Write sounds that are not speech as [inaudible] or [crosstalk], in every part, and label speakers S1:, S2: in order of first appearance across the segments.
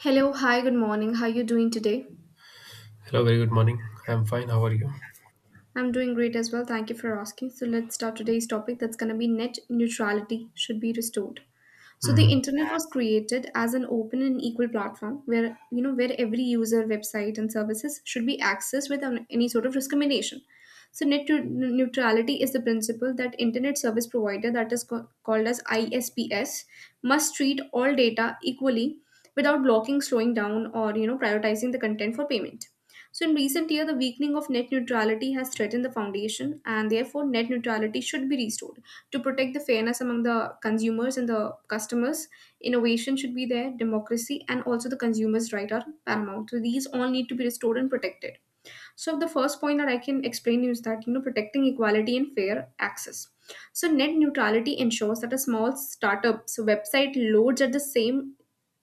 S1: Hello, hi, good morning. How are you doing today?
S2: Hello, very good morning. I'm fine. How are you?
S1: I'm doing great as well. Thank you for asking. So let's start today's topic that's going to be net neutrality should be restored. So the
S2: Hmm.
S1: internet was created as an open and equal platform where where every user, website, and services should be accessed without any sort of discrimination. So neutrality is the principle that internet service provider that is called as ISPS must treat all data equally without blocking, slowing down, or prioritizing the content for payment. So in recent year, the weakening of net neutrality has threatened the foundation, and therefore net neutrality should be restored to protect the fairness among the consumers and the customers, innovation should be there, democracy and also the consumers right are paramount, so these all need to be restored and protected. So the first point that I can explain you is that protecting equality and fair access. So net neutrality ensures that a small startup's website loads at the same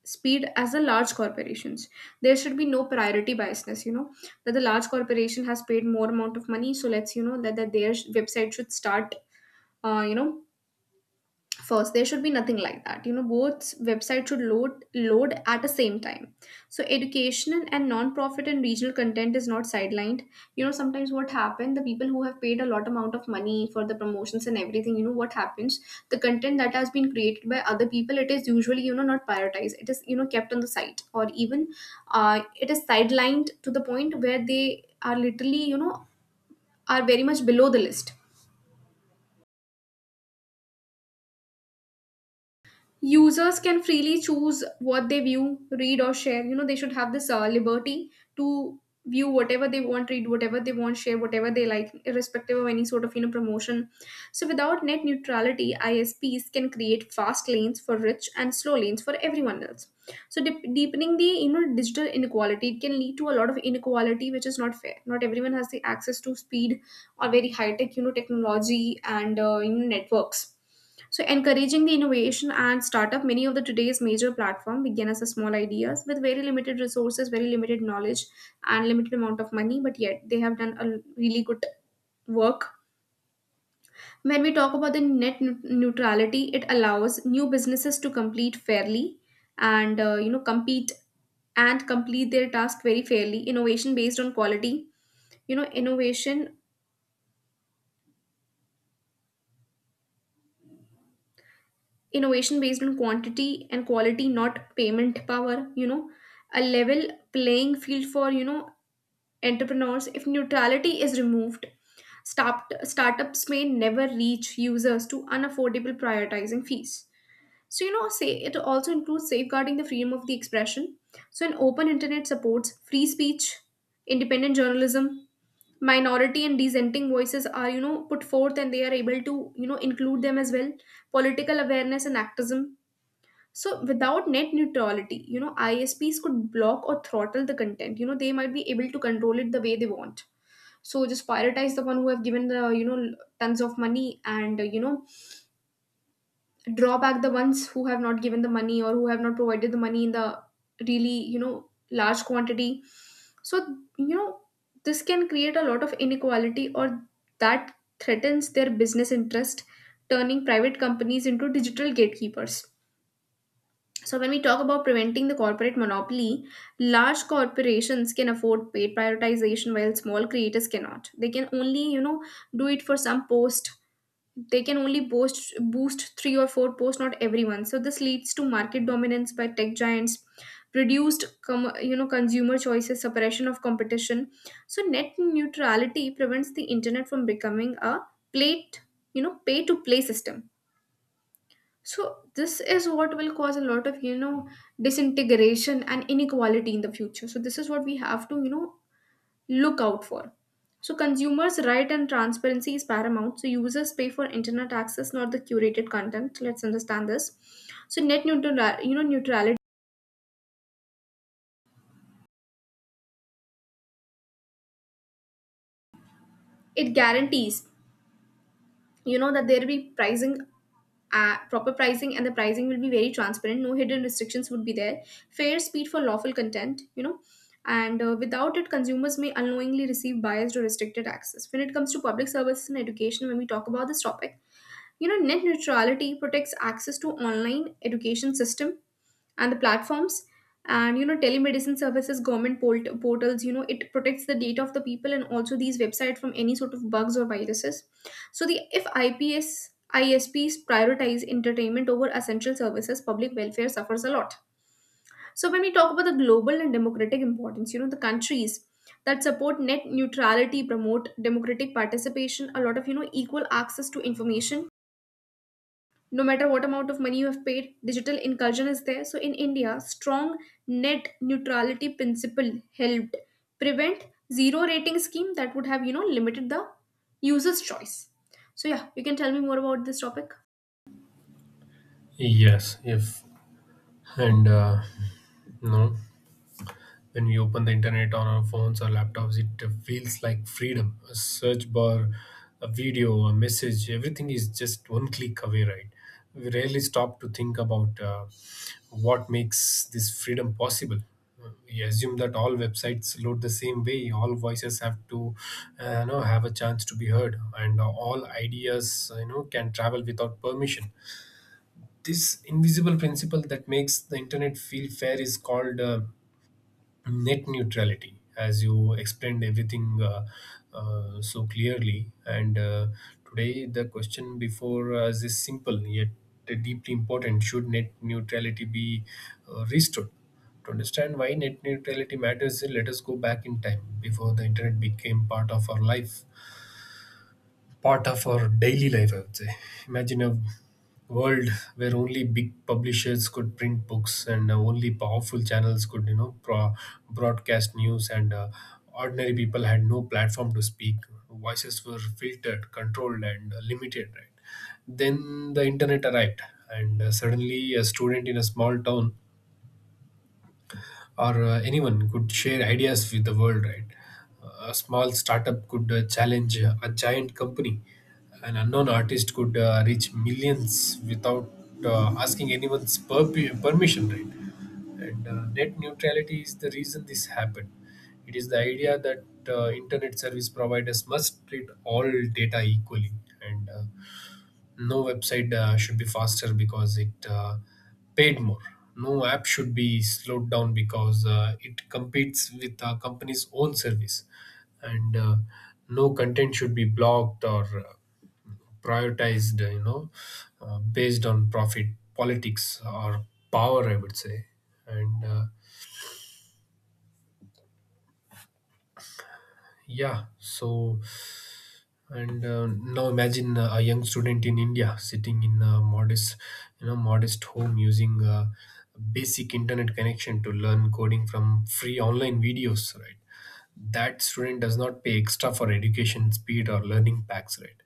S1: speed as the large corporations. There should be no priority biasness, that the large corporation has paid more amount of money, so let's that their website should start uh, you know first. There should be nothing like that, both websites should load at the same time. So educational and non-profit and regional content is not sidelined. You know, sometimes what happened, the people who have paid a lot amount of money for the promotions and everything, what happens, the content that has been created by other people, it is usually not prioritized, it is kept on the site, or even it is sidelined to the point where they are literally are very much below the list. Users can freely choose what they view, read, or share. You know, they should have this liberty to view whatever they want, read whatever they want, share whatever they like, irrespective of any sort of promotion. So without net neutrality, ISPs can create fast lanes for rich and slow lanes for everyone else, so deepening the digital inequality. It can lead to a lot of inequality, which is not fair. Not everyone has the access to speed, or very high tech technology and networks. So encouraging the innovation and startup, many of the today's major platform began as a small ideas with very limited resources, very limited knowledge, and limited amount of money. But yet they have done a really good work. When we talk about the neutrality, it allows new businesses to complete fairly and compete and complete their task very fairly. Innovation based on quality, you know, innovation innovation based on quantity and quality, not payment power, a level playing field for entrepreneurs. If neutrality is removed, startups may never reach users to unaffordable prioritizing fees. So say it also includes safeguarding the freedom of the expression. So an open internet supports free speech, independent journalism, minority and dissenting voices are put forth and they are able to include them as well, political awareness and activism. So without net neutrality, ISPs could block or throttle the content. You know, they might be able to control it the way they want. So just prioritize the one who have given the tons of money, and draw back the ones who have not given the money, or who have not provided the money in the really large quantity. So you know this can create a lot of inequality, or that threatens their business interest, turning private companies into digital gatekeepers. So when we talk about preventing the corporate monopoly, large corporations can afford paid prioritization while small creators cannot. They can only, you know, do it for some post. They can only post, boost three or four posts, not everyone. So this leads to market dominance by tech giants, reduced consumer choices, suppression of competition. So net neutrality prevents the internet from becoming a plate, you know, pay to play system. So this is what will cause a lot of disintegration and inequality in the future. So this is what we have to look out for. So consumers' right and transparency is paramount. So users pay for internet access, not the curated content. Let's understand this. So net neutral, you know, neutrality, it guarantees that there will be pricing, proper pricing, and the pricing will be very transparent, no hidden restrictions would be there, fair speed for lawful content, you know and without it consumers may unknowingly receive biased or restricted access. When it comes to public services and education, when we talk about this topic, net neutrality protects access to online education system and the platforms, and telemedicine services, government portals. You know, it protects the data of the people and also these websites from any sort of bugs or viruses. So the if ips ISPs prioritize entertainment over essential services, public welfare suffers a lot. So when we talk about the global and democratic importance, the countries that support net neutrality promote democratic participation, a lot of equal access to information no matter what amount of money you have paid, digital inclusion is there. So in India, strong net neutrality principle helped prevent zero rating scheme that would have limited the user's choice. So yeah, you can tell me more about this topic.
S2: Yes, if and no, When we open the internet on our phones or laptops, it feels like freedom. A search bar, a video, a message, everything is just one click away, right? We rarely stop to think about what makes this freedom possible. We assume that all websites load the same way, all voices have a chance to be heard, and all ideas, can travel without permission. This invisible principle that makes the internet feel fair is called net neutrality, as you explained everything so clearly. And today the question before us is simple yet deeply important: should net neutrality be restored? To understand why net neutrality matters, let us go back in time before the internet became part of our life, part of our daily life, I would say. Imagine a world where only big publishers could print books and only powerful channels could, you know, broadcast news, and ordinary people had no platform to speak. Voices were filtered, controlled, and limited, right? Then the internet arrived, and suddenly a student in a small town or anyone could share ideas with the world, right? A small startup could challenge a giant company. An unknown artist could reach millions without asking permission, right? And net neutrality is the reason this happened. It is the idea that internet service providers must treat all data equally, and no website should be faster because it paid more. No app should be slowed down because it competes with a company's own service, and no content should be blocked or prioritized, based on profit, politics, or power, I would say. And yeah so And Now imagine a young student in India sitting in a modest home using a basic internet connection to learn coding from free online videos, right? That student does not pay extra for education speed or learning packs, right?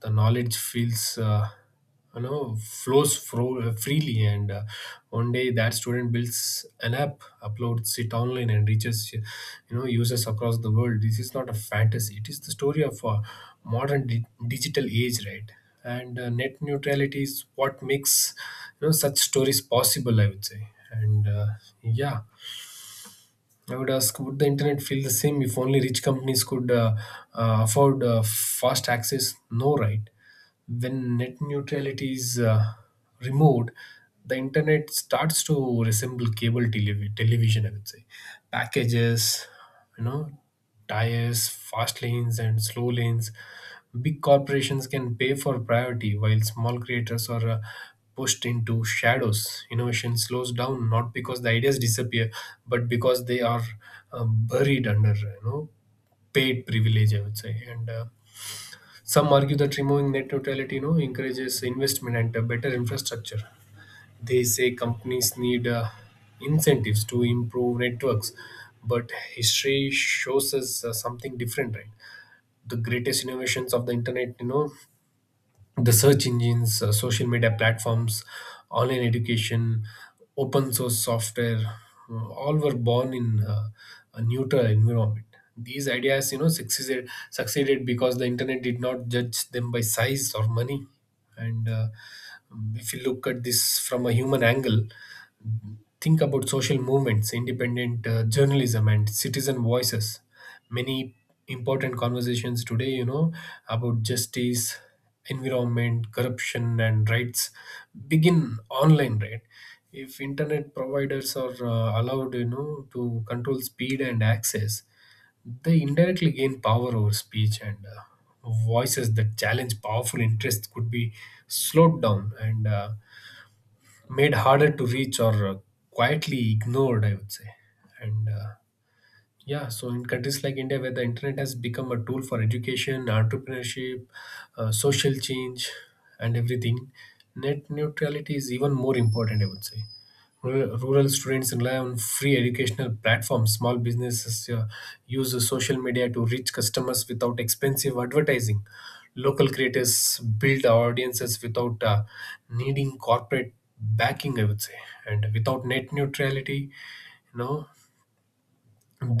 S2: The knowledge feels flows freely, and one day that student builds an app, uploads it online, and reaches, you know, users across the world. This is not a fantasy, it is the story of a modern digital age, right? and Net neutrality is what makes, you know, such stories possible, I would say. And yeah I would ask, would the internet feel the same if only rich companies could afford fast access? No, right? When net neutrality is removed, the internet starts to resemble cable television, I would say. Packages, you know, tires, fast lanes, and slow lanes. Big corporations can pay for priority while small creators are pushed into shadows. Innovation slows down not because the ideas disappear, but because they are buried under paid privilege, I would say. And Some argue that removing net neutrality, you know, encourages investment and better infrastructure. They say companies need incentives to improve networks, but history shows us something different, right? The greatest innovations of the internet, you know, the search engines, social media platforms, online education, open source software, all were born in a neutral environment. These ideas, you know, succeeded because the internet did not judge them by size or money. And If you look at this from a human angle, think about social movements, independent journalism, and citizen voices. Many important conversations today, you know, about justice, environment, corruption, and rights begin online, right? If internet providers are allowed, you know, to control speed and access, they indirectly gain power over speech, and voices that challenge powerful interests could be slowed down and made harder to reach or quietly ignored, I would say. And uh, yeah, so in countries like India, where the internet has become a tool for education, entrepreneurship, social change, and everything, net neutrality is even more important, I would say. Rural students rely on free educational platforms. Small businesses use social media to reach customers without expensive advertising. Local creators build audiences without needing corporate backing, I would say. And without net neutrality, you know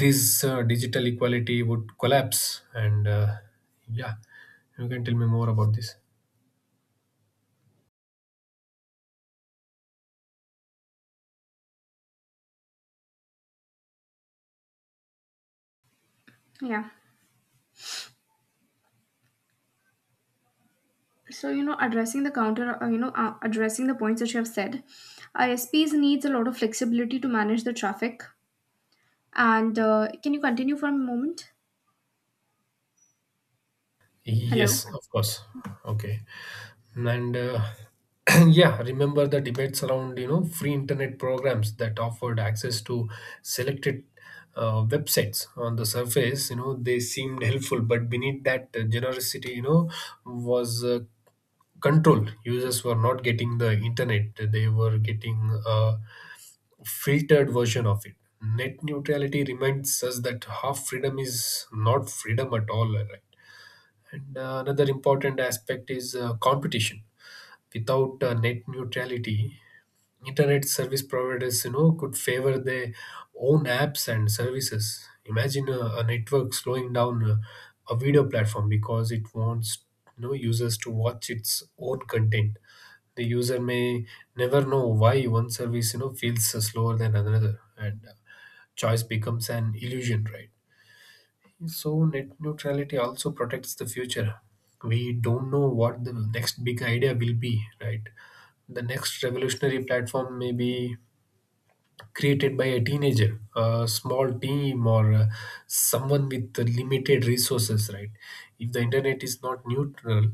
S2: this digital equality would collapse. And yeah You can tell me more about this.
S1: Yeah. So, addressing the counter, addressing the points that you have said, ISPs needs a lot of flexibility to manage the traffic. And can you continue for a moment? Hello.
S2: Yes, of course. Okay. and [clears throat] Yeah, remember the debates around, you know, free internet programs that offered access to selected websites. On the surface, you know, they seemed helpful, but beneath that generosity, you know, was control. Users were not getting the internet, they were getting filtered version of it. Net neutrality reminds us that half freedom is not freedom at all, right? And Another important aspect is competition. Without net neutrality, internet service providers, you know, could favor their own apps and services. Imagine a network slowing down a video platform because it wants, you know, users to watch its own content. The user may never know why one service, you know, feels slower than another, and choice becomes an illusion, right? So net neutrality also protects the future. We don't know what the next big idea will be, right? The next revolutionary platform may be created by a teenager, a small team, or someone with limited resources, right? If the internet is not neutral,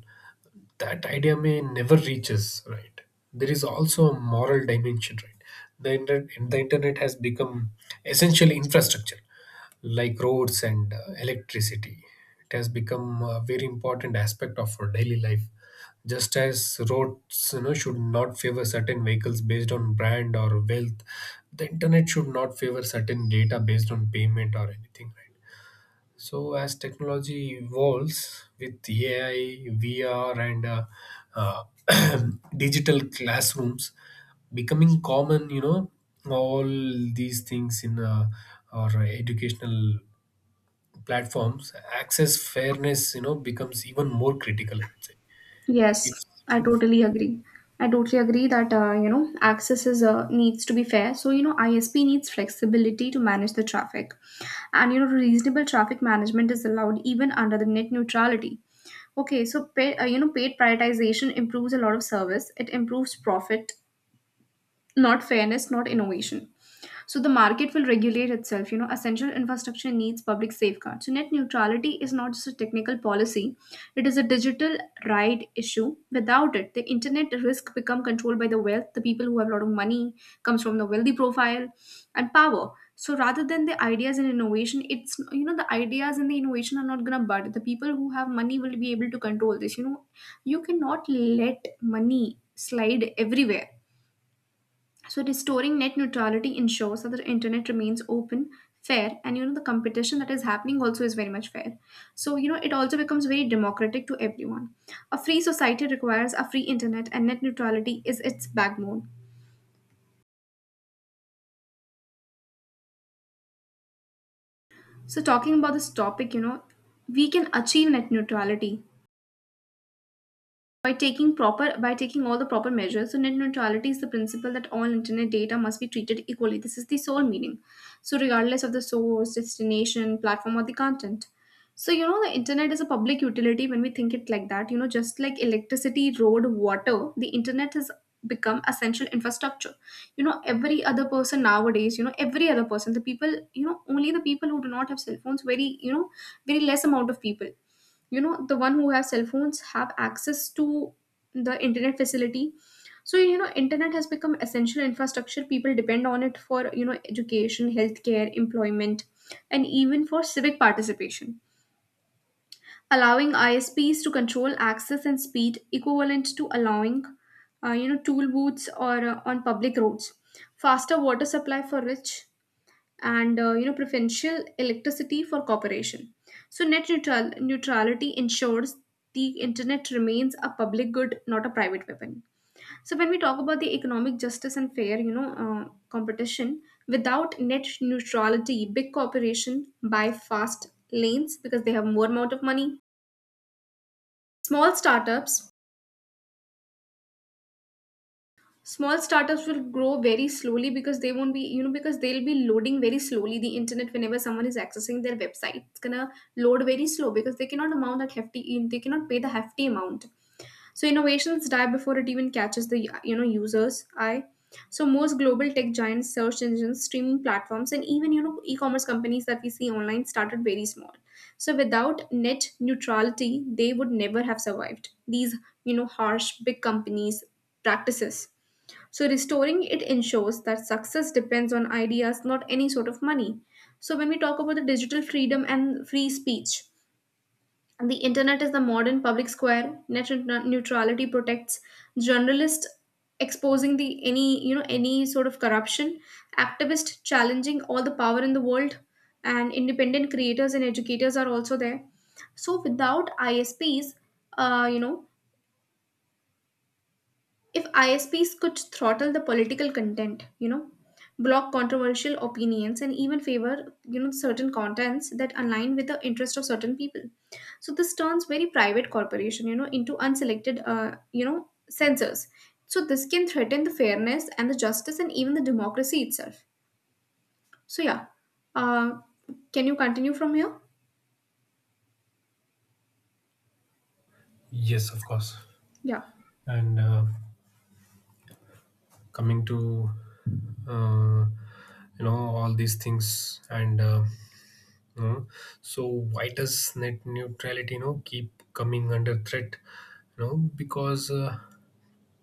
S2: that idea may never reach us, right? There is also a moral dimension, right? The internet has become essential infrastructure like roads and electricity. It has become a very important aspect of our daily life. Just as roads, you know, should not favor certain vehicles based on brand or wealth, the internet should not favor certain data based on payment or anything, right? So as technology evolves with AI, VR, and uh, [clears throat] digital classrooms becoming common, you know, all these things in our educational platforms, access fairness, you know, becomes even more critical, I would say.
S1: Yes,
S2: If
S1: I totally agree. I totally agree that access is needs to be fair. So ISP needs flexibility to manage the traffic, and reasonable traffic management is allowed even under the net neutrality. Okay, so pay, you know paid prioritization improves a lot of service. It improves profit, not fairness, not innovation. So the market will regulate itself. You know, essential infrastructure needs public safeguards. So net neutrality is not just a technical policy; it is a digital right issue. Without it, the internet risk become controlled by the wealth, the people who have a lot of money, comes from the wealthy profile, and power. So rather than the ideas and innovation, it's the ideas and the innovation are not gonna bud. The people who have money will be able to control this. You know, you cannot let money slide everywhere. So restoring net neutrality ensures that the internet remains open, fair, and the competition that is happening also is very much fair. So it also becomes very democratic to everyone. A free society requires a free internet, and net neutrality is its backbone. So talking about this topic, we can achieve net neutrality By taking proper by taking all the proper measures. So net neutrality is the principle that all internet data must be treated equally. This is the sole meaning. So regardless of the source, destination, platform, or the content. So the internet is a public utility when we think it like that. You know, just like electricity, road, water, the internet has become essential infrastructure. Every other person nowadays, every other person, the people, only the people who do not have cell phones, very, very less amount of people. The one who have cell phones have access to the internet facility. So internet has become essential infrastructure. People depend on it for education, healthcare, employment, and even for civic participation. Allowing ISPs to control access and speed equivalent to allowing tool booths or on public roads, faster water supply for rich, and preferential electricity for corporation. So net neutrality ensures the internet remains a public good, not a private weapon. So when we talk about the economic justice and fair competition, without net neutrality, big corporation buy fast lanes because they have more amount of money. Small startups small startups will grow very slowly because they won't be because they'll be loading very slowly. The internet, whenever someone is accessing their website, it's gonna load very slow because they cannot amount that hefty, they cannot pay the hefty amount. So innovations die before it even catches the users eye. So most global tech giants, search engines, streaming platforms, and even e-commerce companies that we see online started very small. So without net neutrality, they would never have survived these, harsh big companies practices. So restoring it ensures that success depends on ideas, not any sort of money. So when we talk about the digital freedom and free speech, the internet is the modern public square. Net neutrality protects journalists exposing the any, any sort of corruption, activists challenging all the power in the world, and independent creators and educators are also there. So without ISPs, uh, you know, if ISPs could throttle the political content, block controversial opinions, and even favor, certain contents that align with the interest of certain people. So this turns very private corporation, into unselected, censors. So this can threaten the fairness and the justice and even the democracy itself. So yeah, uh, can you continue from here?
S2: Yes, of course.
S1: Yeah.
S2: And Coming to uh, you know, all these things. And. Know. So why does net neutrality, you know, keep coming under threat? You know, because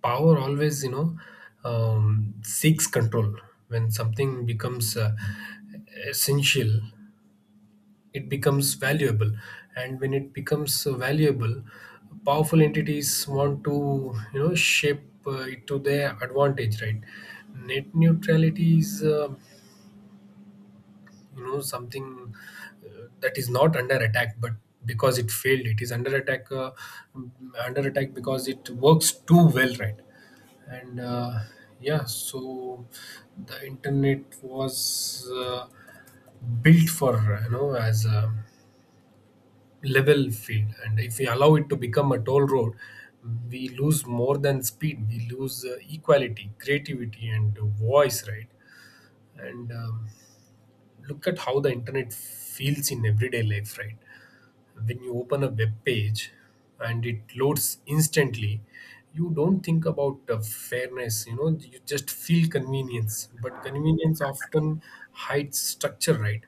S2: power always, you know, seeks control. When something becomes essential, it becomes valuable, and when it becomes valuable, powerful entities want to, you know, shape it to their advantage, right? Net neutrality is something that is not under attack, but because it failed, it is under attack, mm, under attack because it works too well, right? And uh, yeah so the internet was built for, you know, as a level field, and if we allow it to become a toll road, we lose more than speed, we lose equality, creativity, and voice, right? and Look at how the internet feels in everyday life, right? When you open a web page and it loads instantly, you don't think about fairness, you know, you just feel convenience. But convenience often hides structure, right?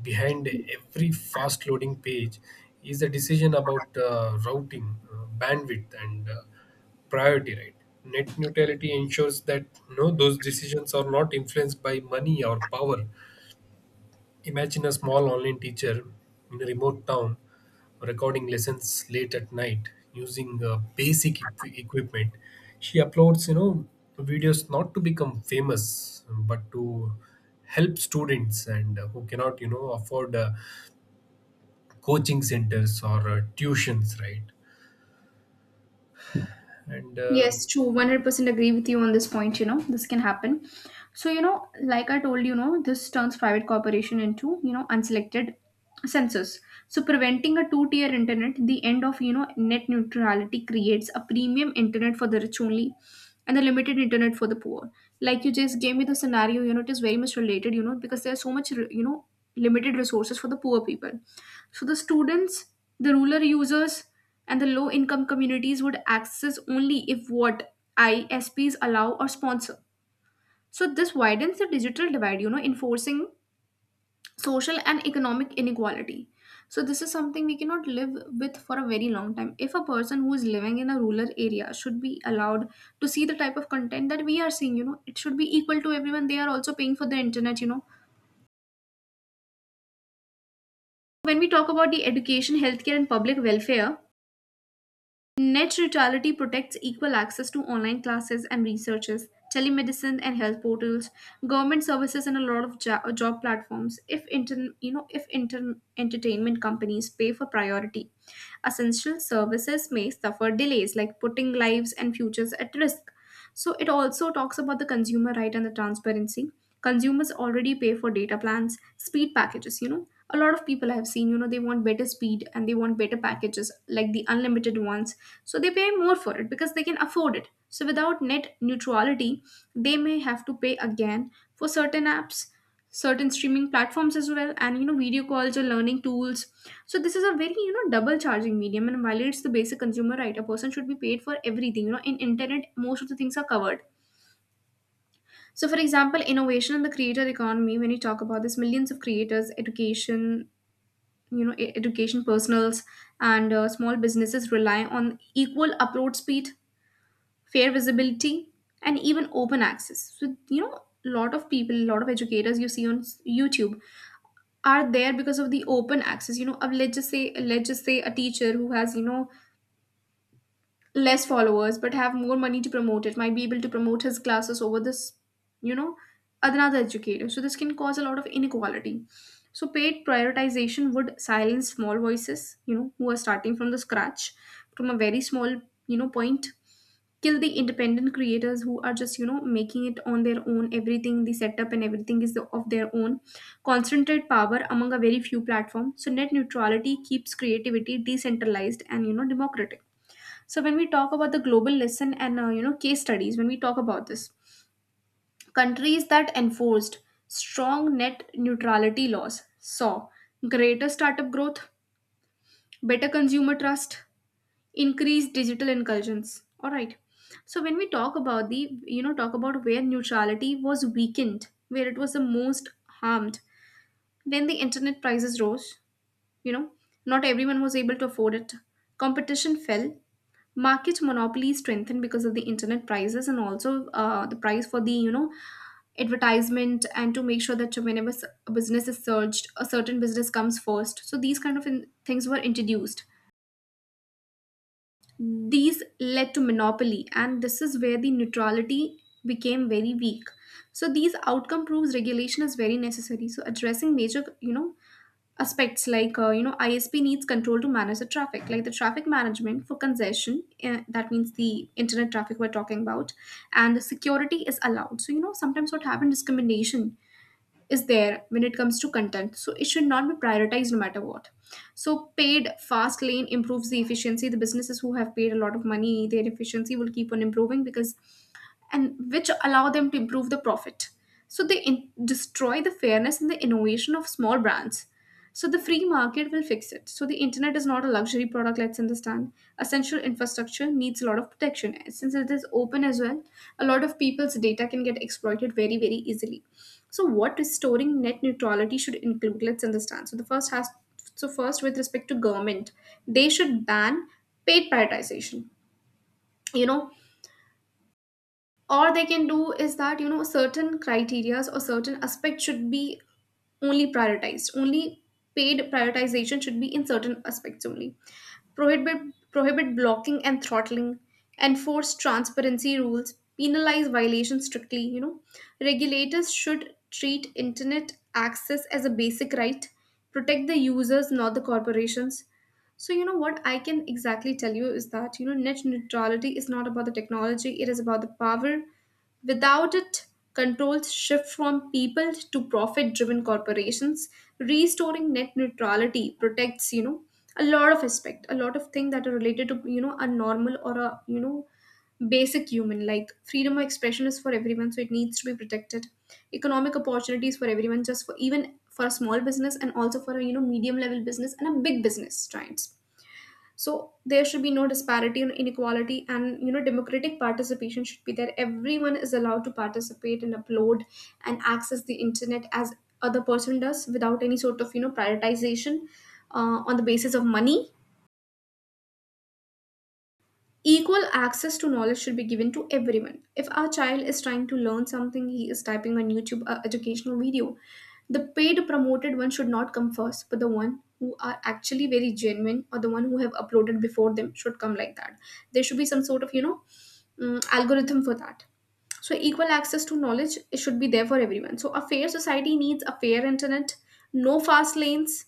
S2: Behind every fast loading page is a decision about routing, bandwidth, and priority, right? Net neutrality ensures that no, those decisions are not influenced by money or power. Imagine a small online teacher in a remote town recording lessons late at night using basic equipment. She uploads, you know, videos not to become famous but to help students, and who cannot, you know, afford coaching centers or tuitions, right? And
S1: Yes, true. 100% agree with you on this point. You know, this can happen. So, you know, like I told you, you know, this turns private corporation into, you know, unselected census. So preventing a two tier internet, the end of, you know, net neutrality creates a premium internet for the rich only and the limited internet for the poor. Like you just gave me the scenario, you know, it is very much related, you know, because there's so much, you know, limited resources for the poor people. So the students, the rural users, and the low income communities would access only if what ISPs allow or sponsor. So this widens the digital divide, you know, enforcing social and economic inequality. So this is something we cannot live with for a very long time. If a person who is living in a rural area should be allowed to see the type of content that we are seeing, you know, it should be equal to everyone. They are also paying for the internet, you know. When we talk about the education, healthcare, and public welfare, net neutrality protects equal access to online classes and researches, telemedicine and health portals, government services, and a lot of job platforms. If you know, if entertainment companies pay for priority, essential services may suffer delays, like putting lives and futures at risk. So it also talks about the consumer right and the transparency. Consumers already pay for data plans, speed packages, you know. A lot of people I have seen, you know, they want better speed and they want better packages like the unlimited ones. So they pay more for it because they can afford it. So without net neutrality, they may have to pay again for certain apps, certain streaming platforms as well, and you know, video calls or learning tools. So this is a very, you know, double charging medium and violates the basic consumer right. A person should be paid for everything. You know, in internet most of the things are covered. So for example, innovation in the creator economy, when you talk about this, millions of creators, education, you know, education personals, and small businesses rely on equal upload speed, fair visibility, and even open access. So you know, a lot of people, a lot of educators you see on YouTube are there because of the open access. You know, of let's just say a teacher who has, you know, less followers but have more money to promote it might be able to promote his classes over this, you know, another educator. So this can cause a lot of inequality. So paid prioritization would silence small voices, you know, who are starting from the scratch, from a very small, you know, point, kill the independent creators who are just, you know, making it on their own, everything, the setup and everything is of their own, concentrate power among a very few platform. So net neutrality keeps creativity decentralized and, you know, democratic. So when we talk about the global lesson and case studies, when we talk about this, countries that enforced strong net neutrality laws saw greater startup growth, better consumer trust, increased digital incursions, all right. So when we talk about the, you know talk about where neutrality was weakened, where it was the most harmed, when the internet prices rose, you know, not everyone was able to afford it, competition fell, market monopoly strengthened because of the internet prices, and also the price for the, you know, advertisement, and to make sure that whenever a business is surged, a certain business comes first, so these kind of things were introduced, these led to monopoly, and this is where the neutrality became very weak. So these outcome proves regulation is very necessary. So addressing major, you know, aspects like ISP needs control to manage the traffic, like the traffic management for congestion. That means the internet traffic we're talking about, and the security is allowed. So you know, sometimes what happened, discrimination is there when it comes to content, so it should not be prioritized no matter what. So paid fast lane improves the efficiency. The businesses who have paid a lot of money, their efficiency will keep on improving because, and which allow them to improve the profit. So they destroy the fairness and the innovation of small brands. So the free market will fix it. So the internet is not a luxury product, let's understand. Essential infrastructure needs a lot of protection. Since it is open as well, a lot of people's data can get exploited very, very easily. So what restoring net neutrality should include, let's understand. So the first has so first with respect to government, they should ban paid privatization. You know, or they can do is that, you know, certain criterias or certain aspects should be only prioritized, only paid prioritization should be in certain aspects only. Prohibit prohibit blocking and throttling, enforce transparency rules, penalize violations strictly, you know, regulators should treat internet access as a basic right, protect the users not the corporations. So, you know, what I can exactly tell you is that, you know, net neutrality is not about the technology, it is about the power. Without it, controls shift from people to profit driven corporations. Restoring net neutrality protects, you know, a lot of aspect, a lot of things that are related to, you know, a normal, or a, you know, basic human. Like freedom of expression is for everyone, so it needs to be protected. Economic opportunities for everyone, just for even for a small business, and also for a, you know, medium level business and a big business giants. So there should be no disparity and inequality, and you know, democratic participation should be there. Everyone is allowed to participate and upload and access the internet as other person does without any sort of, you know, prioritization on the basis of money. Equal access to knowledge should be given to everyone. If our child is trying to learn something, he is typing on YouTube a educational video, the paid promoted one should not come first, but the one who are actually very genuine or the one who have uploaded before them should come, like that. There should be some sort of, you know, algorithm for that. So equal access to knowledge, it should be there for everyone. So a fair society needs a fair internet, no fast lanes,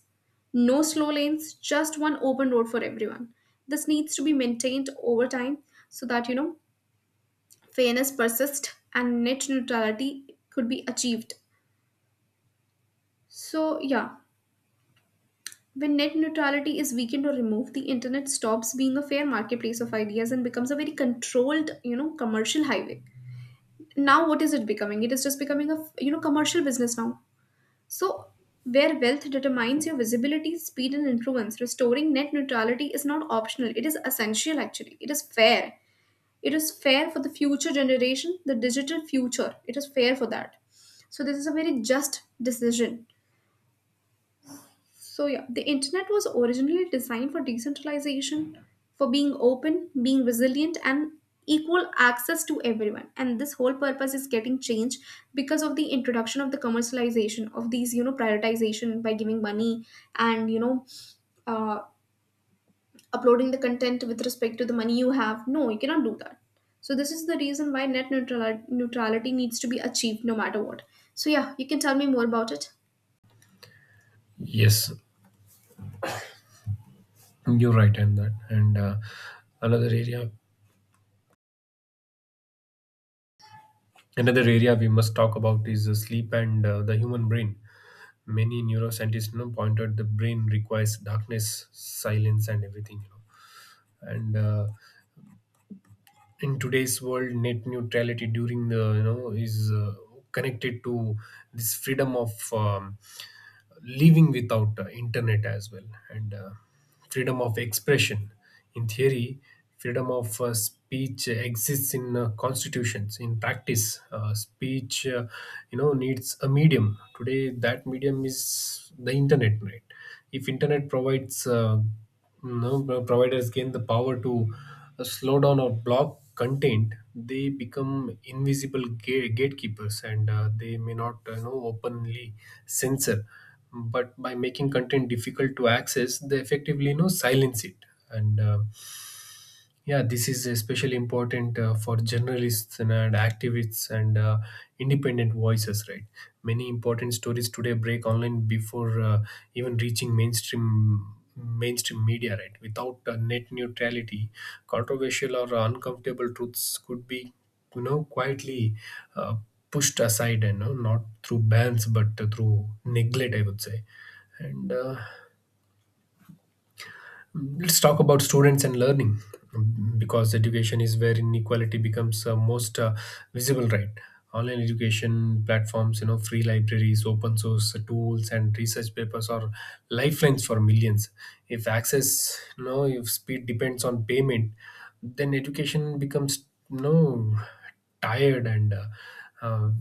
S1: no slow lanes, just one open road for everyone. This needs to be maintained over time so that you know, fairness persists and net neutrality could be achieved. So yeah, when net neutrality is weakened or removed, the internet stops being a fair marketplace of ideas and becomes a very controlled, you know, commercial highway. Now what is it becoming? It is just becoming a, you know, commercial business now. So where wealth determines your visibility, speed, and influence, restoring net neutrality is not optional. It is essential, actually. It is fair. It is fair for the future generation, the digital future. It is fair for that. So this is a very just decision. So yeah, the internet was originally designed for decentralization, for being open, being resilient, and equal access to everyone. And this whole purpose is getting changed because of the introduction of the commercialization of these, you know, prioritization by giving money, and you know, uh, uploading the content with respect to the money you have. No, you cannot do that. So this is the reason why net neutrality needs to be achieved no matter what. So yeah, you can tell me more about it.
S2: Yes, you're right on that. And Another area, another area we must talk about is sleep and the human brain. Many neuroscientists, you know, pointed the brain requires darkness, silence, and everything, you know. And In today's world, net neutrality during the, you know, is connected to this freedom of living without internet as well, and freedom of expression. In theory, freedom of speech exists in constitutions. In practice, speech, needs a medium. Today that medium is the internet, right? If internet providers gain the power to slow down or block content, they become invisible gatekeepers, and they may not you know, openly censor, but by making content difficult to access, they effectively, you know, silence it. and uh, yeah, this is especially important for journalists and activists, and independent voices, right? Many important stories today break online before even reaching mainstream media, right? Without net neutrality, controversial or uncomfortable truths could be, you know, quietly uh, pushed aside, and you know, not through bans but through neglect, I would say. And Let's talk about students and learning, because education is where inequality becomes most visible, right? Online education platforms, you know, free libraries, open source tools, and research papers are lifelines for millions. If access, you know, if speed depends on payment, then education becomes, you know, tired, and uh,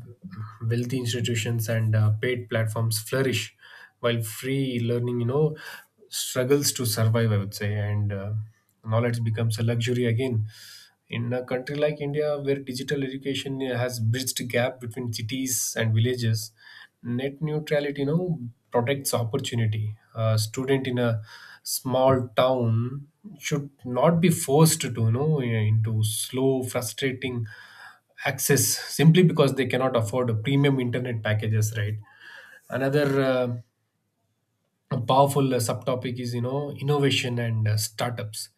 S2: wealthy institutions and paid platforms flourish while free learning, you know, struggles to survive, I would say. And Knowledge becomes a luxury again. In a country like India, where digital education has bridged the gap between cities and villages, net neutrality, you know, protects opportunity. A student in a small town should not be forced to, you know, into slow, frustrating access simply because they cannot afford a premium internet packages, right? Another a powerful subtopic is, you know, innovation and startups.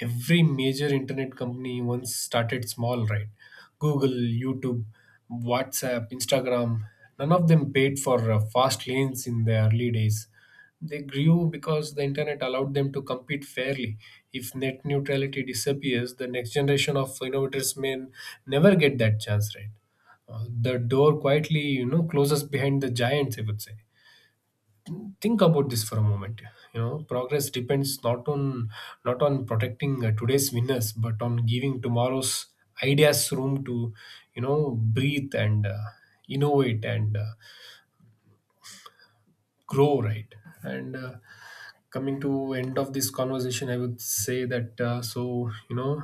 S2: Every major internet company once started small, right? Google, YouTube, WhatsApp, Instagram, none of them paid for fast lanes in the early days. They grew because the internet allowed them to compete fairly. If net neutrality disappears, the next generation of innovators may never get that chance, right? The door quietly, you know, closes behind the giants, I would say. Think about this for a moment. You know, progress depends not on protecting today's winners but on giving tomorrow's ideas room to, you know, breathe and innovate and grow, right? and Coming to end of this conversation, I would say that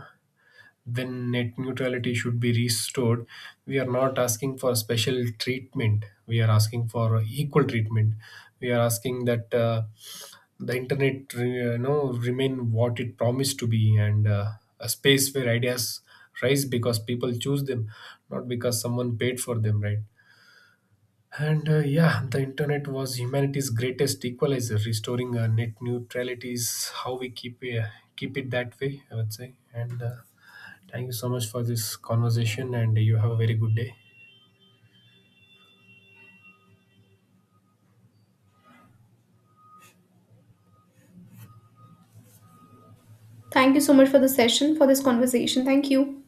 S2: then net neutrality should be restored. We are not asking for special treatment. We are asking for equal treatment. We are asking that the internet, you know, remain what it promised to be, and a space where ideas rise because people choose them, not because someone paid for them, right? The internet was humanity's greatest equalizer. Restoring net neutrality is how we keep it that way, I would say. And Thank you so much for this conversation, and you have a very good day.
S1: Thank you so much for the session, for this conversation. Thank you.